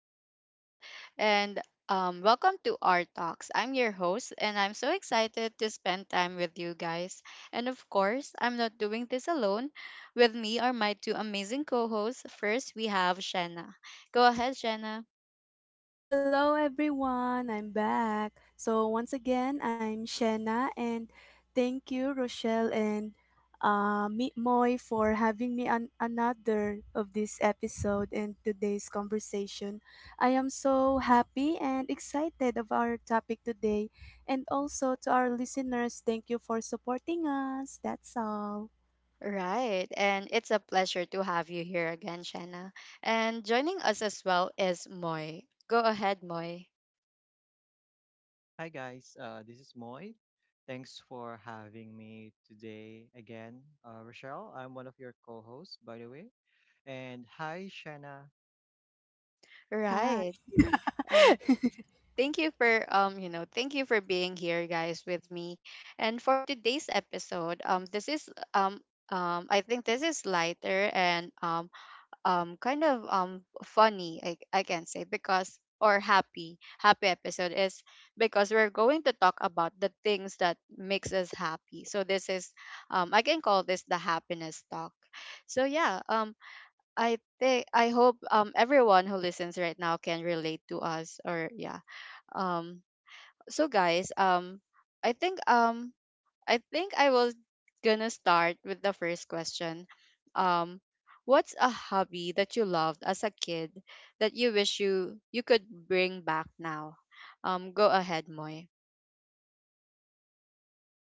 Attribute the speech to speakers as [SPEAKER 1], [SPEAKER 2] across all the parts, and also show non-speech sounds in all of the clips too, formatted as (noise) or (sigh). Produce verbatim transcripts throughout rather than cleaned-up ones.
[SPEAKER 1] is Rochelle and um, welcome to our talks. I'm your host and I'm so excited to spend time with you guys. And of course, I'm not doing this alone. With me are my two amazing co-hosts. First, we have Shanna. Go ahead, Shanna.
[SPEAKER 2] Hello everyone, I'm back. So once again, I'm Shanna and thank you Rochelle and uh, Meet Moy for having me on another of this episode and today's conversation. I am so happy and excited of our topic today, and also to our listeners, thank you for supporting us. That's all.
[SPEAKER 1] Right, and it's a pleasure to have you here again, Shanna. And joining us as well is Moy. Go ahead, Moy.
[SPEAKER 3] Hi guys, uh, this is Moy. Thanks for having me today again, uh, Rochelle. I'm one of your co-hosts, by the way. And hi, Shanna.
[SPEAKER 2] Hi.
[SPEAKER 1] Right, and Thank you for um you know thank you for being here, guys, with me, and for today's episode. Um this is— um um I think this is lighter, and um um kind of um funny, I I can say, because— or happy happy episode is because we're going to talk about the things that makes us happy. So this is— um I can call this the happiness talk. So yeah. um I think— I hope um everyone who listens right now can relate to us. Or yeah. um so guys, um i think um i think I was gonna start with the first question. um what's a hobby that you loved as a kid that you wish you you could bring back now? Um go ahead, Moy.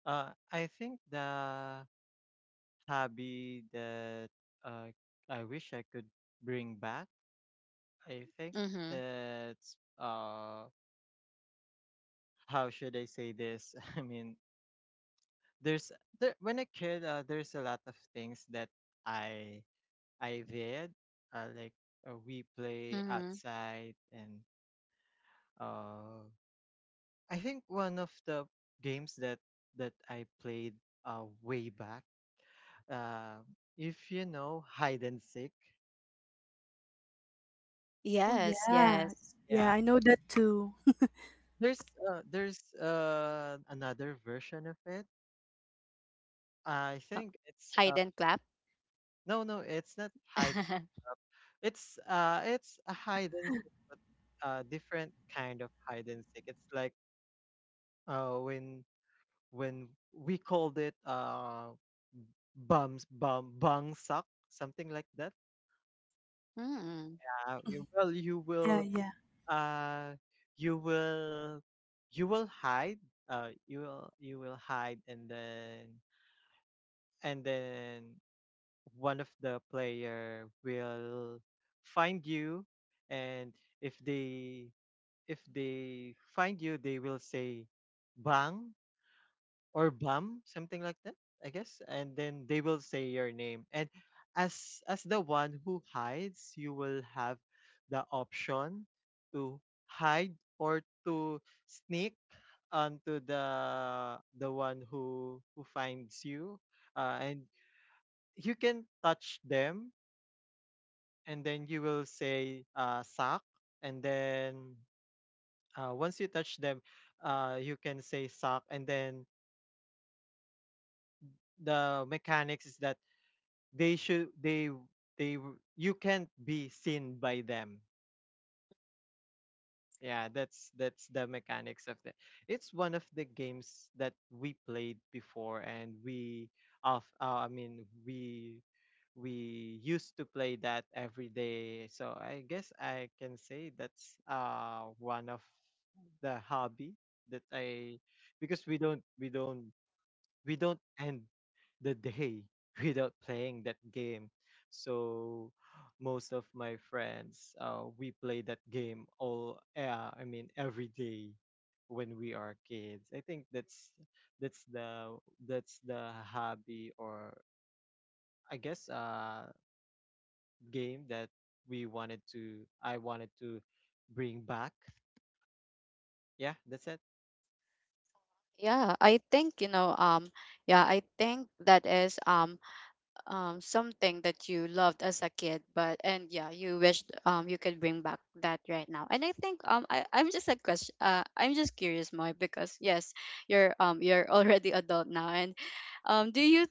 [SPEAKER 3] Uh, I think the hobby that uh, I wish I could bring back, I think
[SPEAKER 1] Mm-hmm.
[SPEAKER 3] that's uh, how should I say this? (laughs) I mean, there's there when a kid, uh, there's a lot of things that I I did. Uh, like uh, we play
[SPEAKER 1] Mm-hmm.
[SPEAKER 3] outside, and uh, I think one of the games that that I played uh way back. Uh, if you know hide and seek,
[SPEAKER 2] Oh
[SPEAKER 1] Yes,
[SPEAKER 2] yeah.
[SPEAKER 1] yes.
[SPEAKER 2] Yeah,
[SPEAKER 3] yeah.
[SPEAKER 2] I know that too. (laughs)
[SPEAKER 3] There's uh, there's uh another version of it. I
[SPEAKER 1] Uh,
[SPEAKER 3] think it's
[SPEAKER 1] Hide
[SPEAKER 3] uh
[SPEAKER 1] and clap.
[SPEAKER 3] no, no, it's not hide.
[SPEAKER 1] (laughs)
[SPEAKER 3] It's uh it's a hide and seek, but uh different kind of hide and seek. It's like uh when when we called it uh bums bum bang suck, something like that.
[SPEAKER 1] Mm.
[SPEAKER 3] Uh, you- well, you
[SPEAKER 2] Yeah,
[SPEAKER 3] will
[SPEAKER 2] yeah.
[SPEAKER 3] uh you will you will hide, uh you will you will hide, and then and then one of the player will find you, and if they if they find you, they will say bang or Bam, something like that, I guess. And then they will say your name. And as as the one who hides, you will have the option to hide or to sneak onto the the one who who finds you. Uh, and you can touch them, and then you will say uh, suck. And then uh, once you touch them, uh, you can say suck. And then the mechanics is that they should they they you can't be seen by them. Yeah, that's that's the mechanics of that. It's one of the games that we played before, and we of uh, I mean we we used to play that every day, so I guess I can say that's uh one of the hobby that I because we don't we don't we don't end the day (laughs) without playing that game. So most of my friends, uh, we play that game all, uh, I mean, every day when we are kids. I think that's that's the that's the hobby or I guess uh game that we wanted to I wanted to bring back. Yeah, that's it.
[SPEAKER 1] Yeah, i think you know um yeah i think that is um um, something that you loved as a kid, but— and yeah, you wished, um, you could bring back that right now. And I think, um I, i'm just a question uh, I'm just curious, Moy, because— yes, you're um you're (laughs) already adult now, and um do you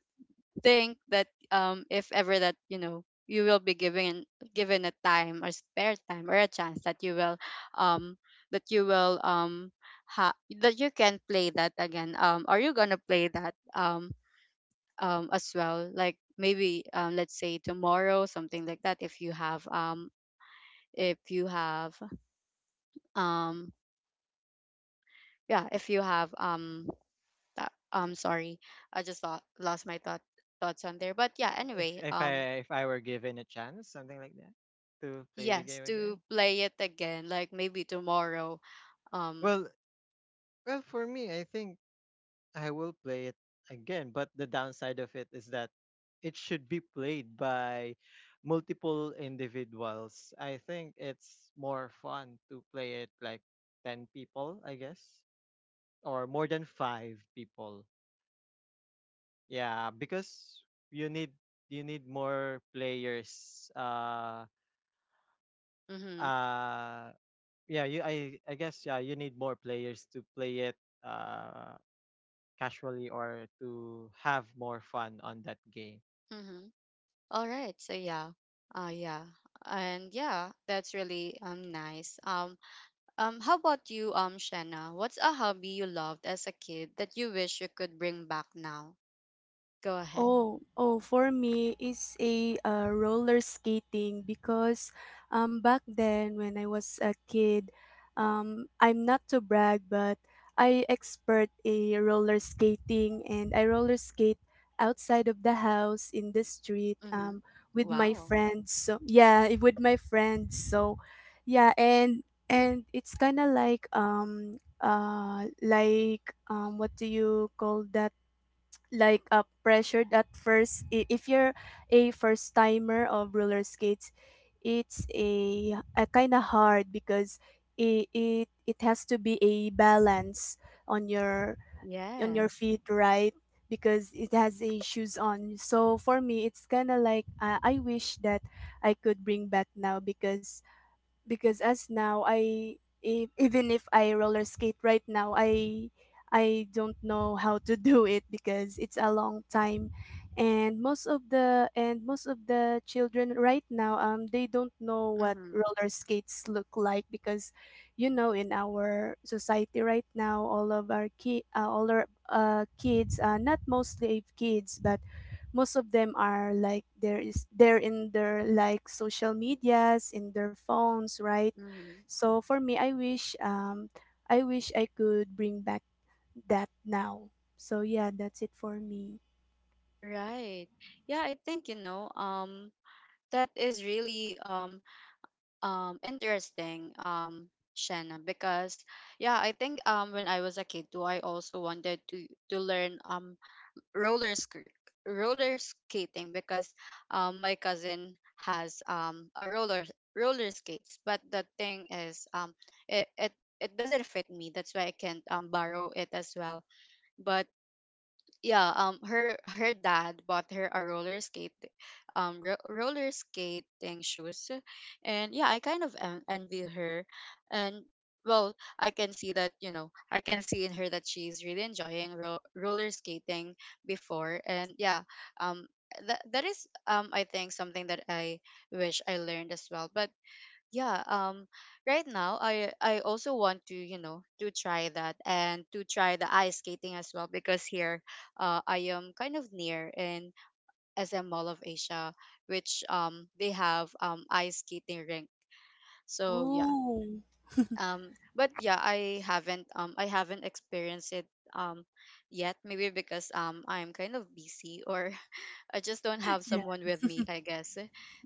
[SPEAKER 1] think that um if ever that you know you will be given— given a time, or spare time, or a chance that you will— um that you will um ha- that you can play that again? Um are you gonna play that, um um, as well, like maybe, um, let's say tomorrow, something like that? If you have— um if you have um yeah if you have um that, um sorry, i just lo- lost my thought— thoughts on there. But yeah,
[SPEAKER 3] Like, If
[SPEAKER 1] anyway.
[SPEAKER 3] if I
[SPEAKER 1] Um
[SPEAKER 3] if I were given a chance, something like that, to play the
[SPEAKER 1] yes,
[SPEAKER 3] game
[SPEAKER 1] to
[SPEAKER 3] again.
[SPEAKER 1] play it again, like maybe tomorrow. um
[SPEAKER 3] Well, Well, for me, I think I will play it again, but the downside of it is that it should be played by multiple individuals. I think it's more fun to play it like ten people, I guess, or more than five people. Yeah, because you need you need more players. uh
[SPEAKER 1] mm-hmm,
[SPEAKER 3] uh yeah, you, I I guess, yeah, you need more players to play it uh casually or to have more fun on that game.
[SPEAKER 1] mm-hmm. All right, so yeah. Uh yeah. And yeah, that's really um nice. Um Um, how about you, um, Shanna? What's a hobby you loved as a kid that you wish you could bring back now? Go ahead.
[SPEAKER 2] Oh, oh, for me, it's a uh, roller skating because um, back then when I was a kid, um, I'm not to brag, but I expert a roller skating and I roller skate outside of the house in the street
[SPEAKER 1] Mm-hmm.
[SPEAKER 2] um, with my
[SPEAKER 1] Wow.
[SPEAKER 2] friends. So yeah, i- with my friends. So yeah, and and it's kind of like um uh like um what do you call that? Like uh, pressured at first, I- if you're a first timer of roller skates, it's a, a kind of hard because it, it it has to be a balance on your on your
[SPEAKER 1] Yes.
[SPEAKER 2] feet, right? Because it has a shoes on, so for me it's kind of like uh, I wish that I could bring back now, because because as now I, if, even if I roller skate right now, I I don't know how to (laughs) do it because it's a long time. And most of the and most of the children right now, um they don't know what
[SPEAKER 1] Mm-hmm.
[SPEAKER 2] roller skates look like, because you know, in our society right now, all of our ki- uh, all our uh, kids, uh, not mostly kids, but most of them are like, there is, they're in their like social medias, in their phones, right?
[SPEAKER 1] Mm-hmm.
[SPEAKER 2] So for me, i wish um i wish I could bring back that now. So yeah, that's it for me.
[SPEAKER 1] Right. Yeah, I think, you know. Um, that is really um um interesting, Um, Shanna, because yeah, I think, um when I was a kid too, I also wanted to to learn um roller sk- roller skating, because, um, my cousin has um a roller roller skates, but the thing is, um it, it it doesn't fit me, that's why I can't um borrow it as well. But yeah, um her her dad bought her a roller skate, um ro- roller skating shoes. And yeah, I kind of en- envy her. And well, I can see that— you know I can see in her that she's really enjoying ro- roller skating before. And yeah, um that, that is, um I think, something that I wish I learned as well. But yeah. Um right now, i i also want to, you know to try that, and to try the ice skating as well, because here, uh, I am kind of near in SM Mall of Asia, which um they have um ice skating rink. So yeah.
[SPEAKER 2] Oh
[SPEAKER 1] Um but yeah, i haven't um i haven't experienced it um yet. Maybe because, um I'm kind of busy, or I just don't have
[SPEAKER 2] yeah.
[SPEAKER 1] someone with me, I guess.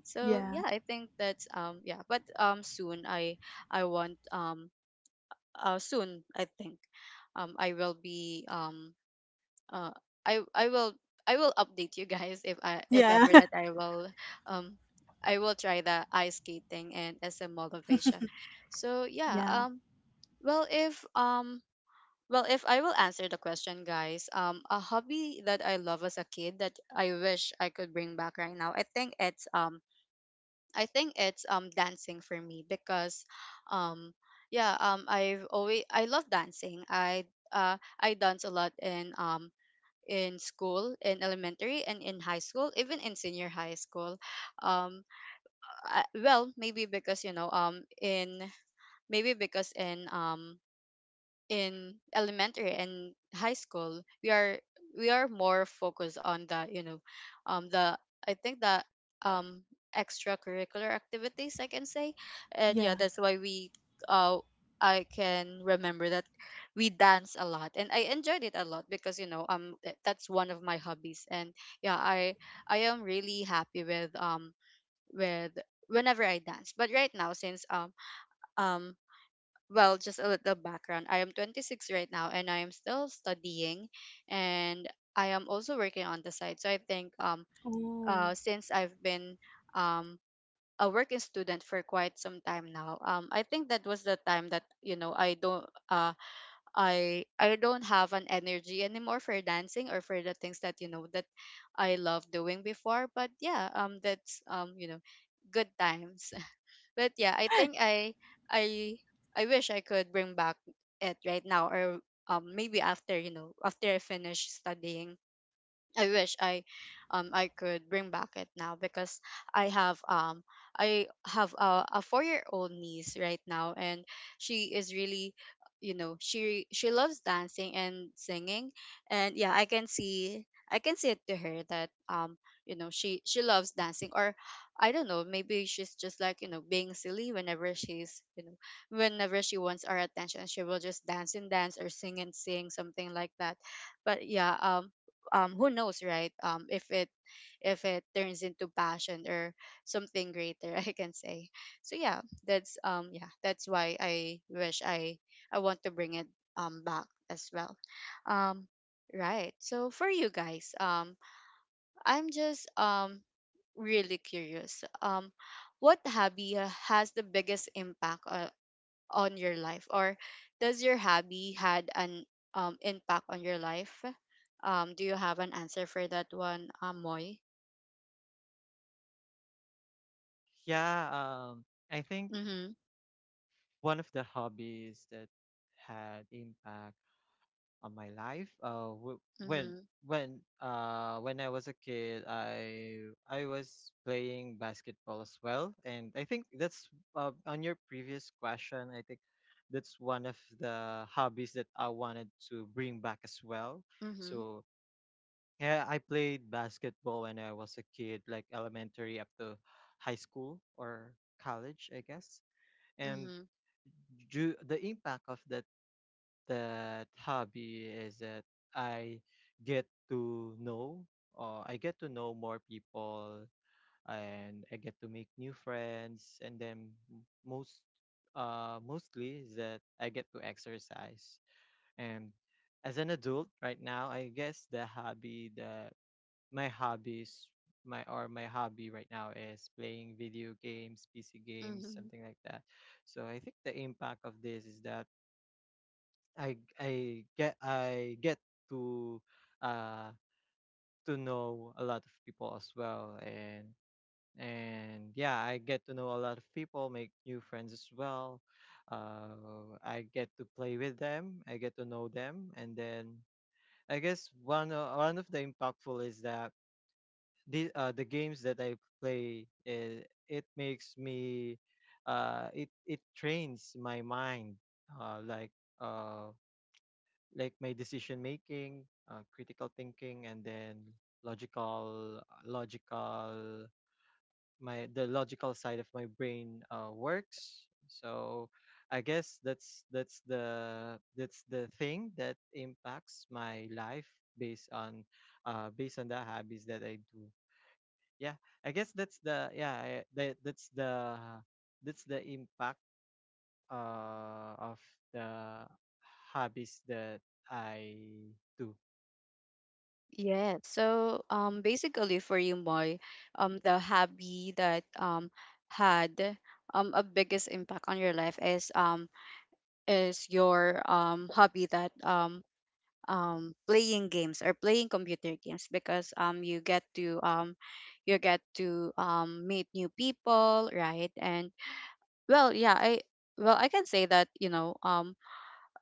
[SPEAKER 1] So
[SPEAKER 2] Yeah,
[SPEAKER 1] yeah, I think that's, um yeah. But um soon I— I want, um uh soon I think um I will be, um uh I I will I will update you guys if I— if
[SPEAKER 2] yeah.
[SPEAKER 1] ever
[SPEAKER 2] (laughs)
[SPEAKER 1] that I will, um I will try the ice skating and S M Mold of Asia. So yeah.
[SPEAKER 2] Yeah,
[SPEAKER 1] um well if um well, if I will answer the question, guys, um, a hobby that I love as a kid that I wish I could bring back right now, I think it's, um, I think it's, um, dancing for me, because, um, yeah. um, I've always I love dancing. I uh, I dance a lot in um in school, in elementary, and in high school, even in senior high school. Um, I, well, maybe because, you know, um in maybe because in um in elementary and high school, we are we are more focused on the, you know, um the— I think the, um extracurricular activities, I can say. And yeah,
[SPEAKER 2] yeah.
[SPEAKER 1] that's why we— uh I can remember that we dance a lot, and I enjoyed it a lot, because, you know um th- that's one of my hobbies. And yeah, i i am really happy with— um with whenever I dance. But right now, since, um um well, just a little background. I am twenty-six right now, and I am still studying, and I am also working on the side. So I think, um
[SPEAKER 2] Oh.
[SPEAKER 1] uh since I've been, um a working student for quite some time now. Um I think that was the time that, you know, I don't uh I I don't have an energy anymore for dancing, or for the things that, you know, that I love doing before. But yeah, um that's, um you know, good times. But yeah, I think— I I I wish I could bring back it right now. Or um maybe after, you know, after I finish studying, I wish I, um I could bring back it now, because I have, um I have a, a four-year old niece right now, and she is really, you know, she she loves dancing and singing. And yeah, I can see I can see it to her that, um you know, she she loves dancing. Or I don't know, maybe she's just like, you know, being silly. Whenever she's, you know whenever she wants our attention, she will just dance and dance, or sing and sing, something like that. But yeah. Um um who knows, right? Um if it— if it turns into passion, or something greater, (laughs) I can say. So yeah, that's, um yeah, that's why I wish— i I want to bring it um back as well. um right, so for you guys, um I'm just, um really curious, um what hobby, uh, has the biggest impact, uh, on your life? Or does your hobby had an, um, impact on your life? Um do you have an answer for that one? um Moy?
[SPEAKER 3] Yeah, um, I think
[SPEAKER 1] Mhm.
[SPEAKER 3] one of the hobbies that had impact on my life uh, w- when
[SPEAKER 1] Mhm.
[SPEAKER 3] when uh when I was a kid, I I was playing basketball as well, and I think that's uh, on your previous question, I think that's one of the hobbies that I wanted to bring back as well.
[SPEAKER 1] Mhm.
[SPEAKER 3] So yeah, I played basketball when I was a kid, like elementary up to high school or college, I guess. And
[SPEAKER 1] Mhm.
[SPEAKER 3] ju- the impact of that that hobby is that I get to know, uh, I get to know more people, and I get to make new friends. And then m- most, uh, mostly is that I get to exercise. And as an adult right now, I guess the hobby that my hobbies my or my hobby right now is playing video games, pc games,
[SPEAKER 1] Mhm.
[SPEAKER 3] something like that. So I think the impact of this is that i i get i get to uh to know a lot of people as well, and and yeah, I get to know a lot of people, make new friends as well. uh I get to play with them, I get to know them, and then I guess one o- one of the impactful is that the uh, the games that I play, it, it makes me uh it it trains my mind, uh like uh like my decision making, uh, critical thinking, and then logical logical, my the logical side of my brain uh, works. So I guess that's that's the that's the thing that impacts my life based on uh based on the hobbies that I do. Yeah, I guess that's the yeah, I- that that's the that's the impact uh of the hobbies that I do.
[SPEAKER 1] Yeah, so, um basically for you, Moy, um the hobby that, um had, um a biggest impact on your life is, um is your um hobby that, um um, playing games, or playing computer games, because, um, you get to, um, you get to um, meet new people, right? And well, yeah, I well, I can say that, you know, um,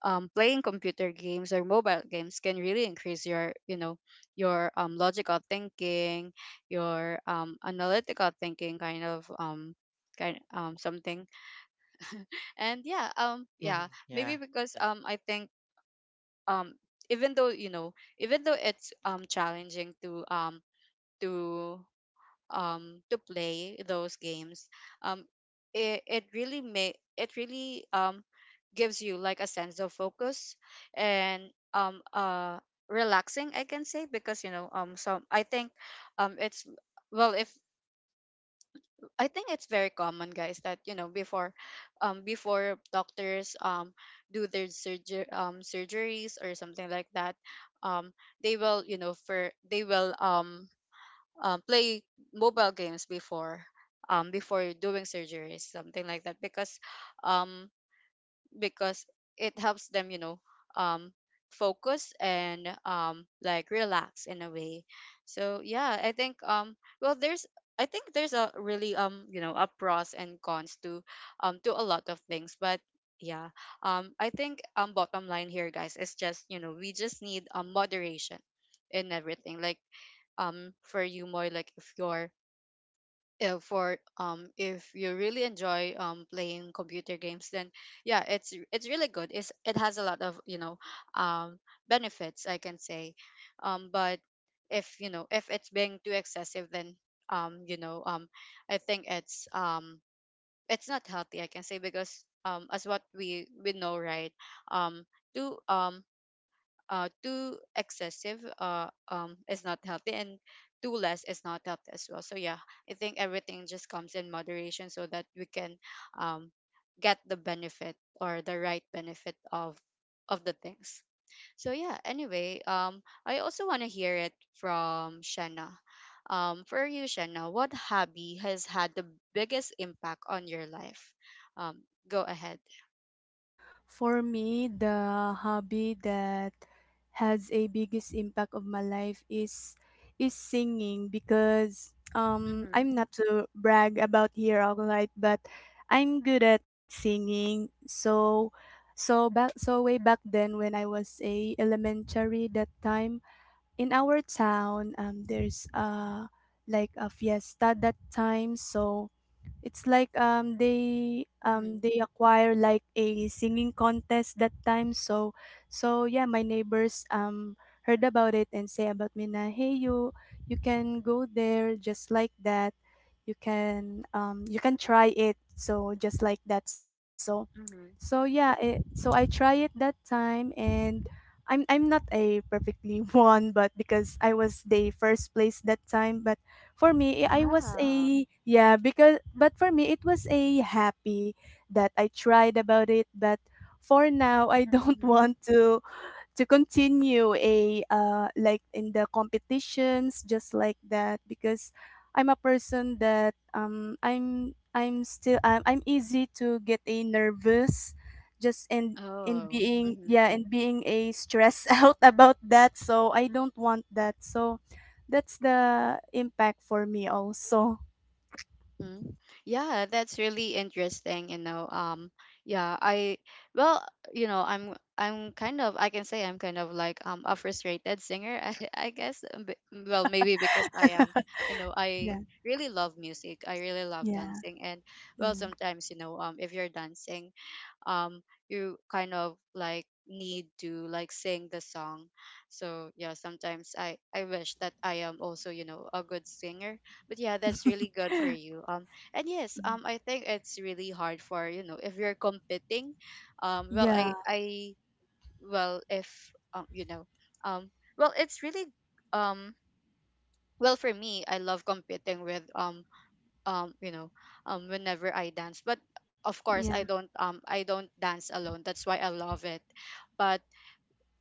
[SPEAKER 1] um, playing computer games or mobile games can really increase your, you know, your, um, logical thinking, your, um, analytical thinking, kind of, um, kind um, something. And yeah, um,
[SPEAKER 3] Mhm.
[SPEAKER 1] yeah, maybe
[SPEAKER 3] Yeah,
[SPEAKER 1] because,
[SPEAKER 3] like
[SPEAKER 1] um, I think, um even though, you know, even though it's, um challenging to, um to um to play those games, um it, it really may it really, um gives you like a sense of focus, and, um uh relaxing, I can say. Because, you know um so I think, um it's well if I think it's very common, guys, that, you know, before, um, before doctors, um do their surgery— um surgeries, or something like that, um, they will, you know, for they will, um, um play mobile games before, um before doing surgeries, something like that, because, um because it helps them, you know, um, focus, and um, like relax in a way. So yeah, I think, um, well, there's— I think there's a really, um, you know, a pros and cons to, um to a lot of things. But yeah, um, I think, um, bottom line here, guys, is just, you know, we just need um moderation in everything. Like um, for you, more like if you're uh, for um if you really enjoy um playing computer games, then yeah, it's it's really good, it's it has a lot of you know um benefits, I can say. Um but if you know if it's being too excessive, then um you know um I think it's um it's not healthy, I can say, because um as what we we know, right? um too um uh, Too excessive uh, um, is not healthy, and too less is not healthy as well. So yeah, I think everything just comes in moderation so that we can um, get the benefit, or the right benefit of of the things. So yeah, anyway, um, I also want to hear it from Shanna. Um, for you, Shanna, what hobby has had the biggest impact on your life? um, Go ahead.
[SPEAKER 2] For me, the hobby that has a biggest impact of my life is is singing, because um
[SPEAKER 1] Mm-hmm.
[SPEAKER 2] I'm not to brag about here, all right, but I'm good at singing. So so back so way back then when I was a elementary that time, in our town um there's uh like a fiesta that time. So it's like um they um
[SPEAKER 1] Mm-hmm.
[SPEAKER 2] they acquire like a singing contest that time. So so yeah, my neighbors um heard about it and say about me, na, hey you, you can go there, just like that. You can um you can try it. So just like that. So so
[SPEAKER 1] Mm-hmm.
[SPEAKER 2] yeah, it, so I try it that time, and I'm I'm not a perfectly (laughs) one, but because I was the first place that time. But for me, eh, I was
[SPEAKER 1] Wow.
[SPEAKER 2] a, yeah, because but for me it was a happy that I tried about it. But for now I don't (laughs) want
[SPEAKER 1] Mm-hmm.
[SPEAKER 2] to to continue a, uh, like in the competitions, just like that, because I'm a person that, um I'm I'm still, I'm, I'm easy to get a nervous, just in in
[SPEAKER 1] Oh,
[SPEAKER 2] being,
[SPEAKER 1] mm-hmm.
[SPEAKER 2] yeah, and being a stress (laughs) out about that, so I don't want that. So that's the impact for me also.
[SPEAKER 1] Mm-hmm. Yeah, that's really interesting, you know. Um, yeah, I well, you know, I'm I'm kind of, I can say I'm kind of like um a frustrated singer, (laughs) I, I guess. um, b- Well, maybe because I am, you know, I
[SPEAKER 2] Yeah.
[SPEAKER 1] really love music. I really love
[SPEAKER 2] Yeah.
[SPEAKER 1] dancing, and well,
[SPEAKER 2] Mm.
[SPEAKER 1] sometimes, you know, um if you're dancing, um you kind of like need to like sing the song. So yeah, sometimes i i wish that I am also, you know, a good singer. But yeah, that's
[SPEAKER 2] (laughs)
[SPEAKER 1] really good for you. Um and yes, um I think it's really hard for, you know, if you're competing. Um well
[SPEAKER 2] Yeah.
[SPEAKER 1] I I well if um you know um well it's really. um well for me, I love competing with, um um you know um whenever I dance. But of course
[SPEAKER 2] Yeah,
[SPEAKER 1] I don't um i don't dance alone, that's why I love it. But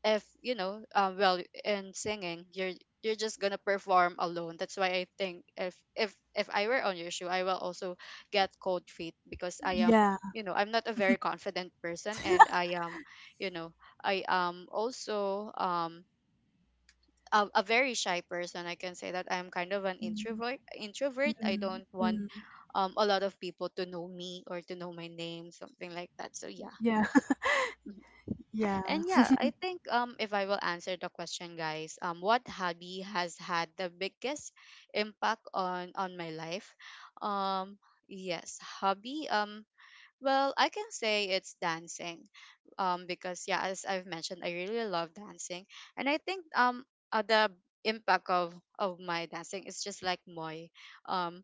[SPEAKER 1] if you know um well in singing, you're you're just gonna perform alone. That's why I think if if if I were on your shoe, I will also get cold feet because I am,
[SPEAKER 2] yeah.
[SPEAKER 1] you know, I'm not a very confident person. And I am, you know, I am also um a, a very shy person, I can say. That I'm kind of an
[SPEAKER 2] Mm,
[SPEAKER 1] introvert introvert. I
[SPEAKER 2] mm,
[SPEAKER 1] don't want
[SPEAKER 2] mm.
[SPEAKER 1] um, a lot of people to know me or to know my name, something like that. So yeah.
[SPEAKER 2] Yeah.
[SPEAKER 1] Mhm.
[SPEAKER 2] (laughs) Yeah.
[SPEAKER 1] And yeah, I think um, if I will answer the question, guys, um, what hobby has had the biggest impact on on my life? Um, yes, hobby. Um, well, I can say it's dancing, um, because yeah, as I've mentioned, I really love dancing. And I think um, uh, the impact of of my dancing is just like Moy. Um,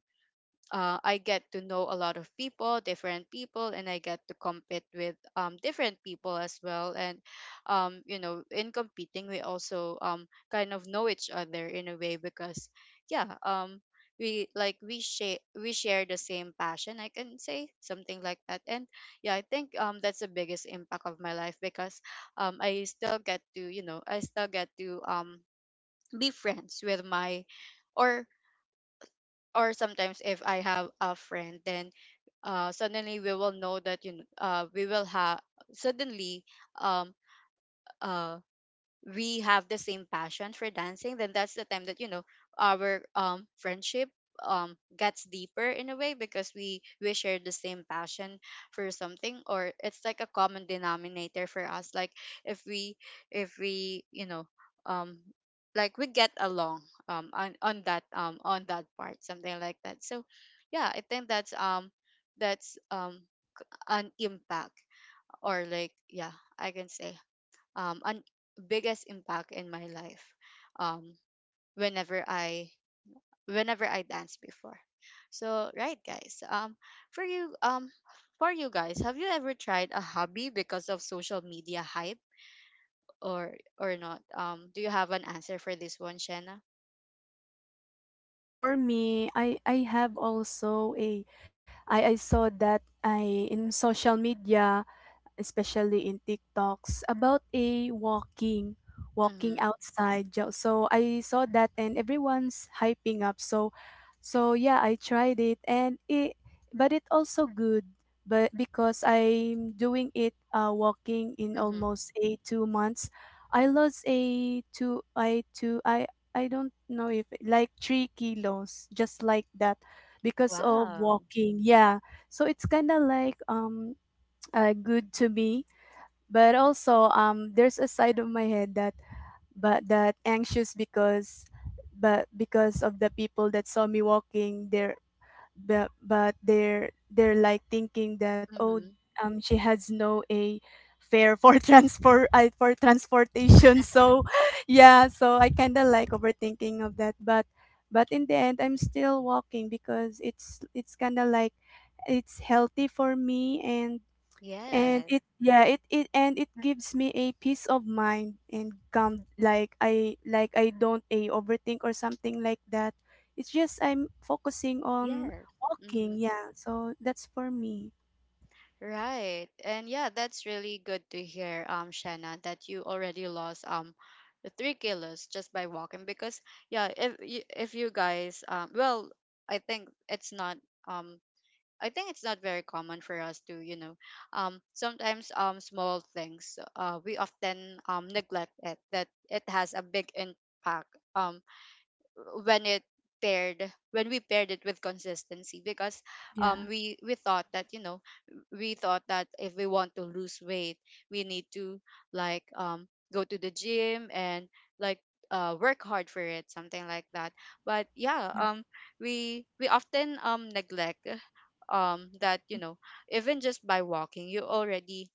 [SPEAKER 1] uh, I get to know a lot of people, different people, and I get to compete with, um, different people as well. And um, you know, in competing, we also, um, kind of know each other in a way because, yeah, um, we like we share we share the same passion. I can say something like that. And yeah, I think um, that's the biggest impact of my life because um, I still get to you know I still get to um, be friends with my, or or sometimes if I have a friend, then uh, suddenly we will know that, you know, uh, we will have suddenly um uh we have the same passion for dancing, then that's the time that, you know, our um friendship um gets deeper in a way, because we we share the same passion for something, or it's like a common denominator for us, like if we if we you know um like we get along um on, on that um on that part, something like that. So yeah, I think that's um that's um an impact, or like, yeah, I can say um an biggest impact in my life, um whenever i whenever i danced before. So right, guys, um for you um for you guys, have you ever tried a hobby because of social media hype, or or not? Um do you have an answer for this one, Shanna?
[SPEAKER 2] For me, I I have also a, I I saw that I in social media, especially in TikToks, about a walking, walking
[SPEAKER 1] Mm-hmm.
[SPEAKER 2] outside. jo- So I saw that and everyone's hyping up. So so yeah, I tried it, and it, but it also good. But because I'm doing it, uh, walking in
[SPEAKER 1] Mm-hmm.
[SPEAKER 2] almost a two months. I lost a two, I two, I I don't know, if like three kilos, just like that, because of
[SPEAKER 1] Wow.
[SPEAKER 2] walking. Yeah. So it's kind of like um uh, good to me. But also, um, there's a side of my head that, but that anxious, because, but because of the people that saw me walking there, but but they're they're like thinking that, oh,
[SPEAKER 1] Mm-hmm.
[SPEAKER 2] um, she has no a fare for (laughs) transport uh, for transportation. So, (laughs) yeah, so I kind of like overthinking of that, but but in the end, I'm still walking, because it's it's kind of like, it's healthy for me. And and
[SPEAKER 1] Yes.
[SPEAKER 2] it, yeah, it, it and it gives me a peace of mind and calm, like i like i don't a overthink or something like that. It's just I'm focusing on
[SPEAKER 1] Yes.
[SPEAKER 2] walking.
[SPEAKER 1] Mm-hmm.
[SPEAKER 2] Yeah, so that's for me.
[SPEAKER 1] Right. And yeah, that's really good to hear, um, Shanna, that you already lost um the three kilos just by walking. Because yeah, if you if you guys um well, I think it's not, um I think it's not very common for us to, you know, um sometimes um small things, uh we often um neglect it, that it has a big impact um when it paired when we paired it with consistency, because um
[SPEAKER 2] Yeah,
[SPEAKER 1] we we thought that, you know, we thought that if we want to lose weight, we need to like um go to the gym, and like uh work hard for it, something like that. But yeah,
[SPEAKER 2] yeah,
[SPEAKER 1] um we we often um neglect um that, you know, even just by walking, you already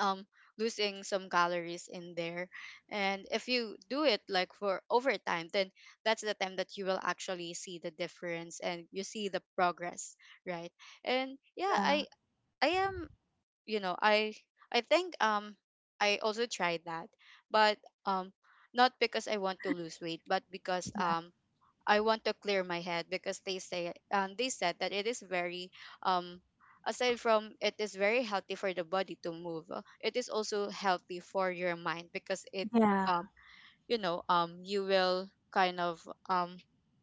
[SPEAKER 1] um losing some calories in there. And if you do it like for over time, then that's the time that you will actually see the difference and you see the progress, right? And yeah,
[SPEAKER 2] yeah,
[SPEAKER 1] i I am, you know, i i think um I also tried that, but um not because I want to lose weight, but because
[SPEAKER 2] yeah,
[SPEAKER 1] um I want to clear my head, because they say um, they said that it is very, um aside from, it is very healthy for the body to move. uh, It is also healthy for your mind, because it,
[SPEAKER 2] yeah,
[SPEAKER 1] um, you know um you will kind of um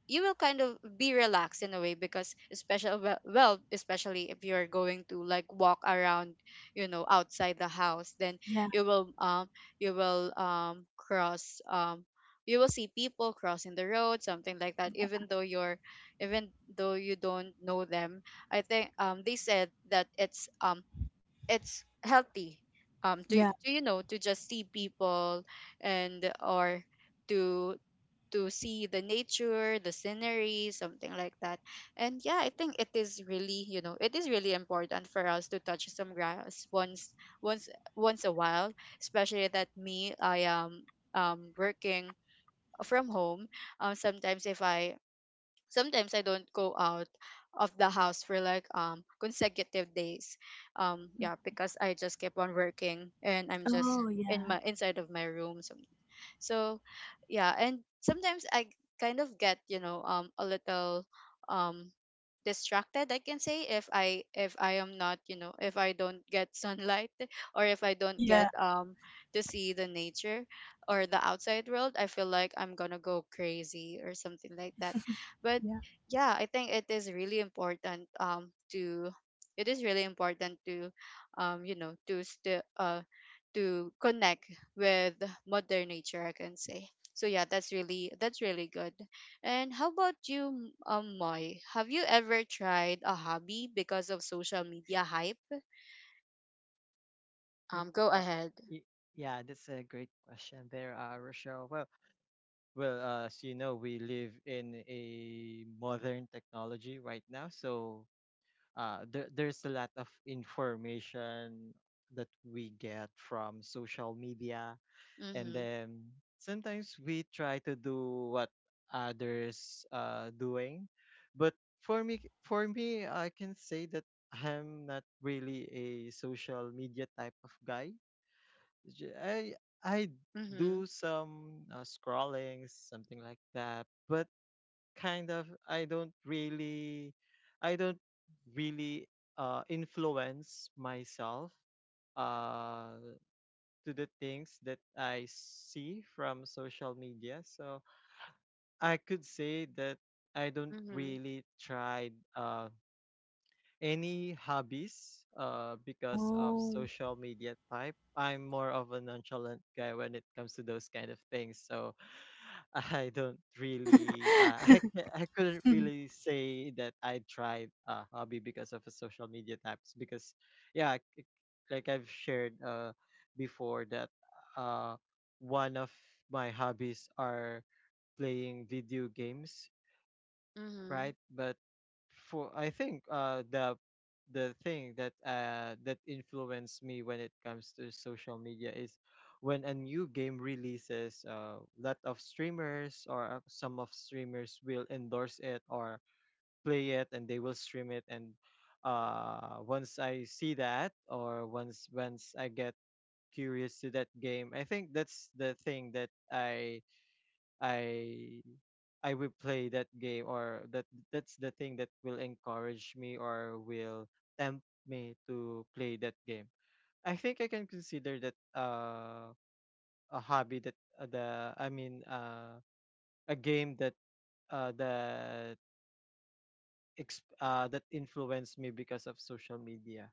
[SPEAKER 1] you will kind of be relaxed in a way, because especially well well, especially if you're going to like walk around, you know, outside the house, then
[SPEAKER 2] yeah,
[SPEAKER 1] you will um you will um cross, um you will see people crossing the road, something like that, even though you're even though you don't know them. I think um they said that it's um it's healthy um to
[SPEAKER 2] yeah.
[SPEAKER 1] to you know, to just see people, and or to to see the nature, the scenery, something like that. And yeah, I think it is really, you know, it is really important for us to touch some grass once once once a while. Especially that me, I am um working from home. um sometimes if i Sometimes I don't go out of the house for like um consecutive days. Um
[SPEAKER 2] Mm.
[SPEAKER 1] yeah, because I just keep on working, and I'm just
[SPEAKER 2] Oh
[SPEAKER 1] in
[SPEAKER 2] yeah.
[SPEAKER 1] my inside of my room some. So yeah, and sometimes I kind of get, you know, um a little, um distracted, I can say, if I if I am not, you know, if I don't get sunlight, (laughs) or if I don't get
[SPEAKER 2] (laughs) Yeah,
[SPEAKER 1] um to see the nature or the outside world, I feel like I'm gonna go crazy or something like that. But
[SPEAKER 2] yeah.
[SPEAKER 1] yeah, I think it is really important um to it is really important to, um you know, to still uh to connect with mother nature, I can say. So yeah, that's really, that's really good. And how about you, M- um Moy? Have you ever tried a hobby because of social media hype?
[SPEAKER 3] mm
[SPEAKER 1] Um, go
[SPEAKER 3] uh
[SPEAKER 1] ahead.
[SPEAKER 3] y- yeah, that's a great question there, uh Rochelle. Well well uh, as you know, we live in a modern technology right now, so uh there, there's a lot of information that we get from social media, and
[SPEAKER 1] Mm-hmm.
[SPEAKER 3] then sometimes we try to do what others uh doing. But for me for me, I can say that I'm not really a social media type of guy. J- i i
[SPEAKER 1] Mm-hmm.
[SPEAKER 3] do some uh, scrolling, something like that, but kind of i don't really I don't really uh influence myself uh to the things that I see from social media. So I could say that I don't
[SPEAKER 1] Mm-hmm.
[SPEAKER 3] really try uh, any hobbies Uh, because of
[SPEAKER 2] Oh.
[SPEAKER 3] social media type. I'm more of a nonchalant guy when it comes to those kind of things. So (laughs) I don't really, uh, (laughs) I ca- I couldn't
[SPEAKER 2] (laughs)
[SPEAKER 3] really say that I tried a hobby because of a social media types. Because yeah, c- like I've shared uh before that uh one of my hobbies are playing video games,
[SPEAKER 1] Mm-hmm.
[SPEAKER 3] right? But for I think uh the the thing that uh that influenced me when it comes to social media is when a new game releases, uh lot of streamers or uh, some of streamers will endorse it or play it, and they will stream it. And uh once I see that, or once once I get curious to that game, I think that's the thing that I I I will play that game, or that that's the thing that will encourage me or will tempt me to play that game. I think I can consider that uh, a hobby that uh, the I mean uh, a game that uh, that ex- uh, that influenced me because of social media.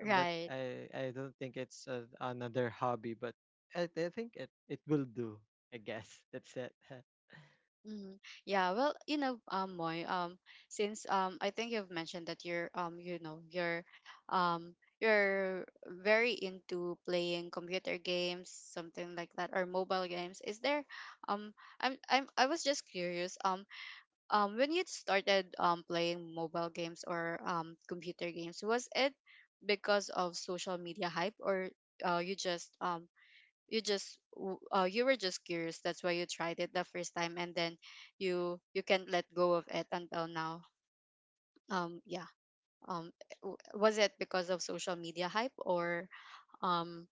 [SPEAKER 3] Uh, But
[SPEAKER 1] Right.
[SPEAKER 3] I I don't think it's a, another hobby, but I, I think it it will do. I guess (laughs) that's it.
[SPEAKER 1] Mm, yeah, well, you know, um, Moy, um, since um, I think you've mentioned that you're, um, you know, you're um, you're very into playing computer games, something like that, or mobile games. Is there, um, I'm, I'm, I was just curious, um, um, when you started um playing mobile games, or um computer games, was it because of social media hype, or uh, you just um you just w- uh, you were just curious, that's why you tried it the first time, and then you you can't let go of it until now. Um yeah. um w- was it because of social media hype, or um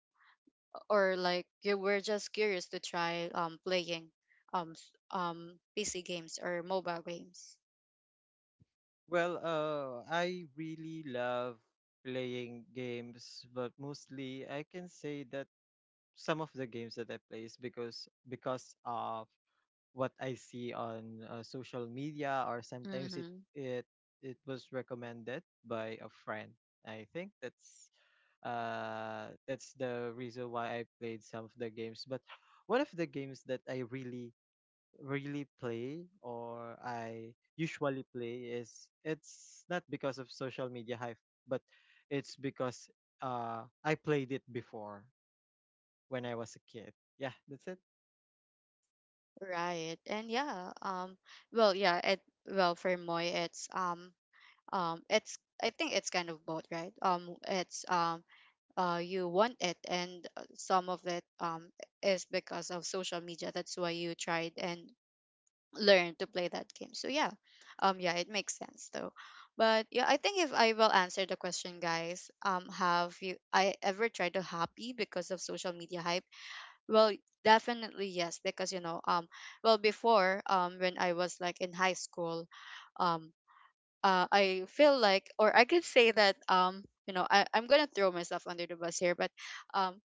[SPEAKER 1] or like, you were just curious to try um playing, um s- um PC games or mobile games?
[SPEAKER 3] Well, uh, I really love playing games, but mostly I can say that some of the games that I play is because because of what I see on uh, social media, or sometimes it
[SPEAKER 1] Mm-hmm.
[SPEAKER 3] it it was recommended by a friend. I think that's uh that's the reason why I played some of the games. But one of the games that I really really play or I usually play is it's not because of social media hype, but it's because uh I played it before when I was a kid. Yeah, that's it.
[SPEAKER 1] Right. And yeah, um well yeah, it well for Moi, it's, um um it's I think it's kind of both, right? um it's um uh, You want it, and uh, some of it, um, is because of social media, that's why you tried and learned to play that game. So yeah. Um yeah, it makes sense though. But yeah, I think if I will answer the question, guys, um have you I ever tried to happy because of social media hype? Well, definitely yes, because you know, um well before, um when I was like in high school, um uh, I feel like, or I could say that, um you know, I, I'm gonna throw myself under the bus here. But um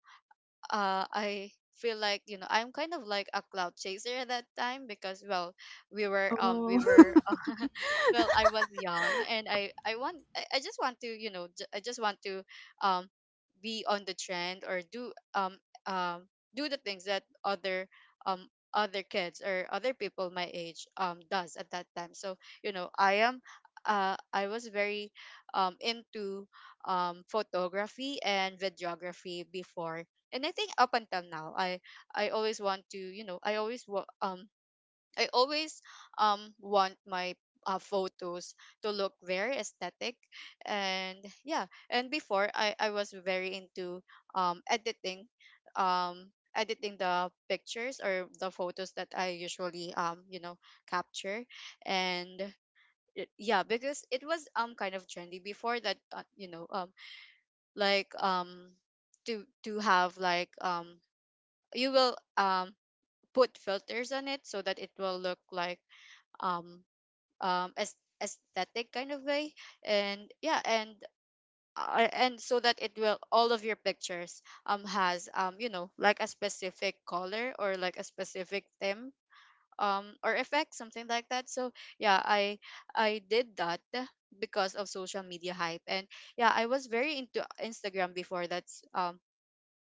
[SPEAKER 1] uh, I feel like, you know, I'm kind of like a cloud chaser at that time, because well, we were um we
[SPEAKER 2] Oh.
[SPEAKER 1] were (laughs) well, I was young, and I I want I, I just want to you know j- I just want to um be on the trend, or do um um do the things that other, um other kids, or other people my age um does at that time. So you know, I am uh I was very um into um photography and videography before. And I think up until now, I I always want to, you know, I always wa- um I always um want my, uh, photos to look very aesthetic. And yeah, and before, I, I was very into um editing um editing the pictures or the photos that I usually um you know capture. And it- yeah, because it was um kind of trendy before. That uh, you know, um like um to to have like, um you will um put filters on it so that it will look like, um um as aesthetic kind of way. And yeah, and uh, and so that it will, all of your pictures um has, um you know, like a specific color or like a specific theme, um or effect, something like that. So yeah, i i did that because of social media hype. And yeah, I was very into Instagram before. That's um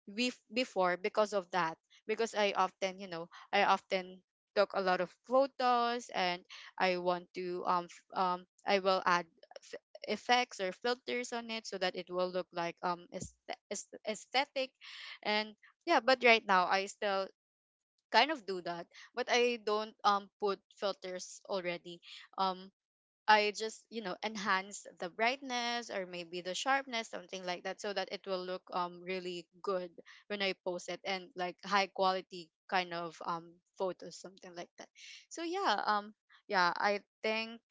[SPEAKER 1] bef before, because of that. Because i often you know I often took a lot of photos, and I want to, um f- um I will add f- effects or filters on it so that it will look like um aesthe- aesthe- aesthetic. And yeah, but right now I still kind of do that, but I don't um put filters already. um I just, you know, enhance the brightness, or maybe the sharpness, something like that, so that it will look um really good when I post it, and like high quality kind of um photos, something like that. So yeah, um yeah, I think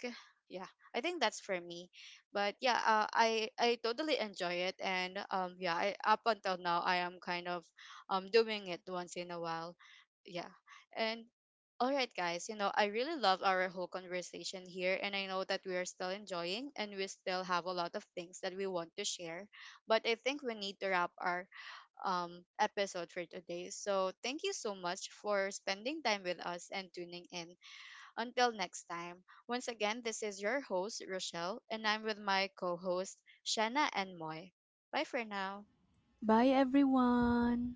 [SPEAKER 1] yeah, I think that's for me. But yeah, uh, I I totally enjoy it, and um yeah, I, up until now I am kind of um doing it once in a while. Yeah. And all right, guys, you know, I really love our whole conversation here, and I know that we are still enjoying, and we still have a lot of things that we want to share. But I think we need to wrap our um, episode for today. So thank you so much for spending time with us and tuning in. Until next time, once again, this is your host, Rochelle, and I'm with my co host, Shanna and Moy. Bye for now.
[SPEAKER 2] (laughs) Bye everyone.